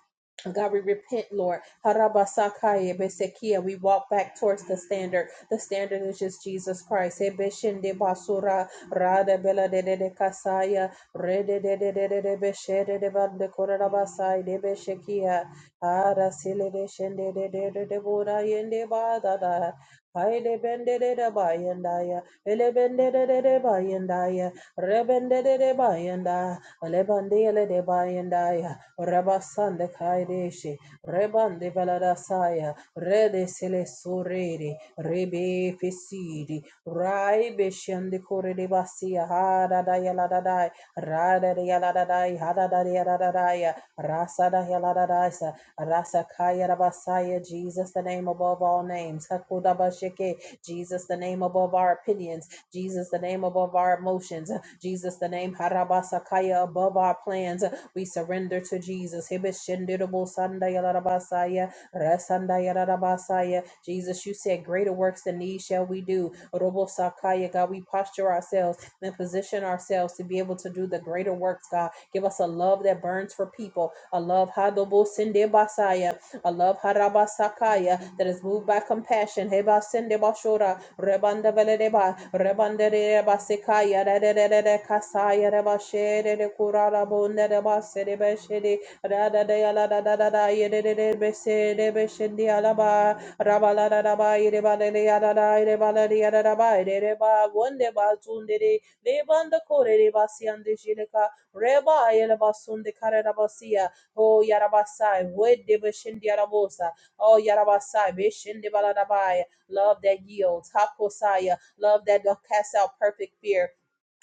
[SPEAKER 1] God, we repent, Lord. Harabasakaye besekia. We walk back towards the standard. The standard is just Jesus Christ. Ebeshende basura, rada bela de de de kasaya, rede de de de de de beshede de bande korabasai de beshekia. Ara sile de shende de de de de bora yende ba da da. Haide bende de de ba yenda ya. Ele bende de de de ba yenda ya. Rebende de de ba yenda. Ele bende ele de ba yenda ya. Rabasande kaide she. Rebande velada saya. Rede sile surere. Rebe fesidi. Rai be shende kore de basia. Ha da da ya la da da. Ra da da ya la da da. Ha da da ya la da da ya. Rasa da ya la da da. Rasakaya Rabasaya, Jesus, the name above all names. Hakudabashike, Jesus, the name above our opinions. Jesus, the name above our emotions. Jesus, the name Harabasakaya, above our plans. We surrender to Jesus. Hibishindirabo Sandaya Rabasaya, Rasandaya Rabasaya. Jesus, you said, Greater works than these shall we do. Robosakaya, God, we posture ourselves and position ourselves to be able to do the greater works, God. Give us a love that burns for people Allah love Hadobo Sinde Basaya. Allah Harabasakaya that is moved by compassion. Heba Sinde Bashora. Rebanda Veledeba. Rebanda Reba Sekaya. Rede Kasaya Reba Shede de Kurara Bunda de Basede Beshede. Rada de Ala da da da da. Yede de Besede Beshede Alaba. Rabala da da ba. Yede ba de Yada da. Yede ba de Yada da ba. Yede ba. Wonde ba zunde de. Bazundere, Lebanda Kore Rebasian de Basiande Jileka. Reba Ayela Basunde Karada Basia. Oh, Yarabasai, Wedeba Yarabosa, Oh, Yarabasai, Bishindibaladabaya. Love that yields. Hakosaya. Love that do cast out perfect fear.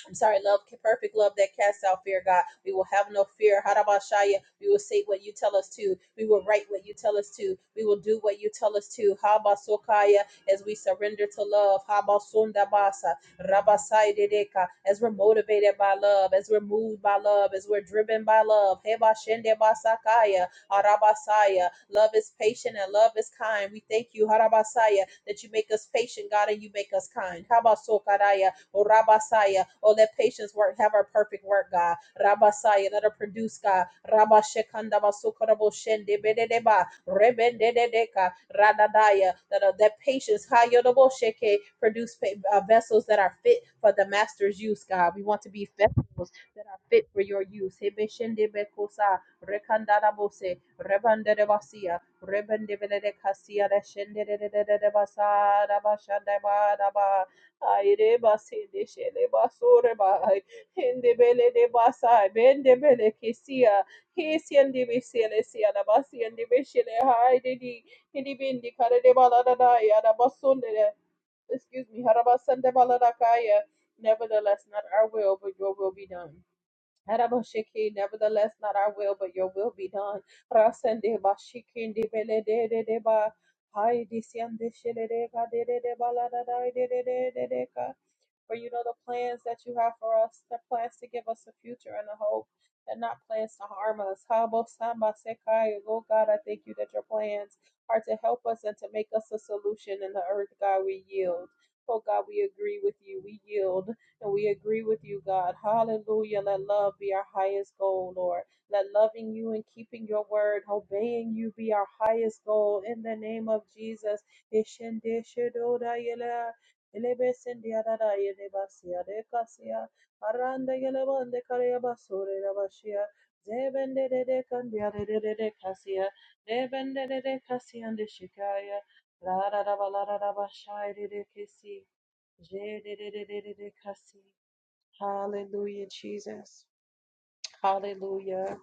[SPEAKER 1] I'm sorry, love, perfect love that casts out fear, God. We will have no fear. Harabashaya. We will say what you tell us to. We will write what you tell us to. We will do what you tell us to. Habasokaya, as we surrender to love. Habasundabasa. Rabasaidedeka, as we're motivated by love, as we're moved by love, as we're driven by love. Hebashendebasakaya. Harabasaya. Love is patient and love is kind. We thank you, Harabasaya, that you make us patient, God, and you make us kind. Habasokaraya Oh, Rabasaya. Oh, let patience work, have our perfect work, God. Rabasaya, let her produce, God. Rabashekanda basukarabo shende bededeba. Rebendedeka. Radadaya. That, uh, that patience, hayodobo sheke, produce uh, vessels that are fit for the master's use, God. We want to be vessels that are fit for your use. Hebeshendebekosa. Rekandadabose. Rebandedebasia. Rebendebedekasia. Reshendededededebasa. Dabashandabadaba. Aire basi de shele basure bai. Hende bele de basai. Bende bele kisia. Kisiendi bisele siana basiendi bishele. Haide di. Hindi bindi kare de balada daya. da yada basunde de. Excuse me. Harabasande balada kaya. Nevertheless, not our will, but your will be done. Harabashiki, nevertheless, not our will, but your will be done. Rasende bashiki, ndi bele de de de ba. Hi, dician de shele de ka de de de balada da de de de de de ka. For you know the plans that you have for us, the plans to give us a future and a hope, and not plans to harm us. Habo Samba Sekai, Lord God, I thank you that your plans are to help us and to make us a solution in the earth, God, we yield. Oh God, we agree with you. We yield and we agree with you, God. Hallelujah. Let love be our highest goal, Lord. Let loving you and keeping your word, obeying you be our highest goal. In the name of Jesus. Elebesindia dada yedebasia de casia, aranda yelebande careabasore rabasia, zebende de de candia de de de casia, debende de de casia de shikaya, la da da ba la da da ba shai de de kisi, je de de de de de de kasi. Hallelujah, Jesus. Hallelujah.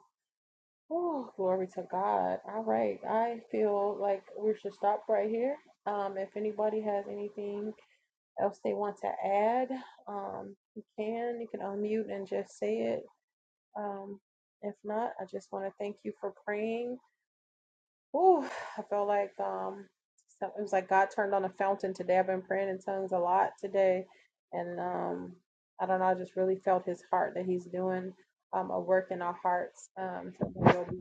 [SPEAKER 1] Oh, glory to God. All right. I feel like we should stop right here. Um, if anybody has anything else they want to add, um, you can. You can unmute and just say it. Um, if not, I just want to thank you for praying. Ooh, I felt like um, so it was like God turned on a fountain today. I've been praying in tongues a lot today, and um, I don't know. I just really felt His heart that He's doing um, a work in our hearts. Um, so we'll be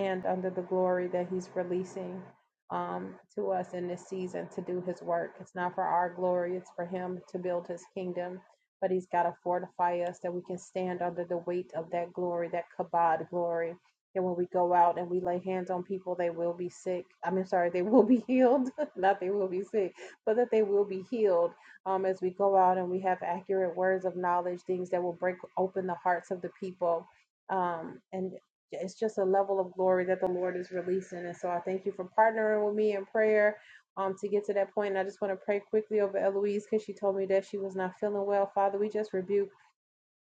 [SPEAKER 1] and under the glory that he's releasing um, to us in this season to do his work. It's not for our glory, it's for him to build his kingdom. But he's got to fortify us that we can stand under the weight of that glory, that kabod glory. And when we go out and we lay hands on people, they will be sick. I mean, sorry, they will be healed. *laughs* Not they will be sick, but that they will be healed um, as we go out and we have accurate words of knowledge, things that will break open the hearts of the people um, and it's just a level of glory that the Lord is releasing. And so I thank you for partnering with me in prayer um, to get to that point. And I just want to pray quickly over Eloise because she told me that she was not feeling well. Father, we just rebuke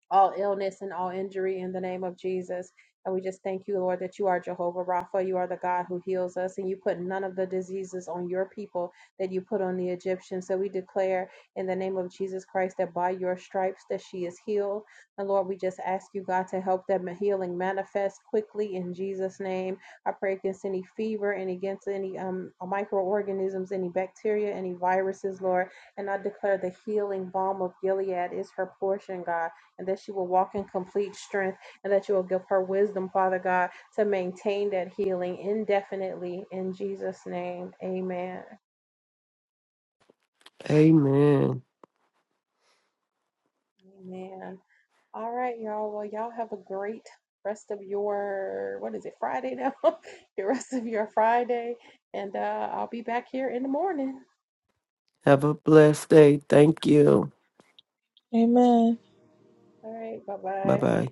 [SPEAKER 1] all illness and all injury in the name of Jesus. And we just thank you, Lord, that you are Jehovah Rapha. You are the God who heals us, and you put none of the diseases on your people that you put on the Egyptians. So we declare in the name of Jesus Christ that by your stripes that she is healed. And Lord, we just ask you, God, to help that ma- healing manifest quickly in Jesus' name. I pray against any fever and against any um, microorganisms, any bacteria, any viruses, Lord. And I declare the healing balm of Gilead is her portion, God and that she will walk in complete strength and that you will give her wisdom, Father God, to maintain that healing indefinitely in Jesus' name. Amen.
[SPEAKER 2] Amen.
[SPEAKER 1] Amen. All right, y'all. Well, y'all have a great rest of your, what is it, Friday now? *laughs* the rest of your Friday. And uh, I'll be back here in the morning.
[SPEAKER 2] Have a blessed day. Thank you.
[SPEAKER 3] Amen.
[SPEAKER 1] All right. Bye
[SPEAKER 2] Bye
[SPEAKER 1] bye.
[SPEAKER 2] bye.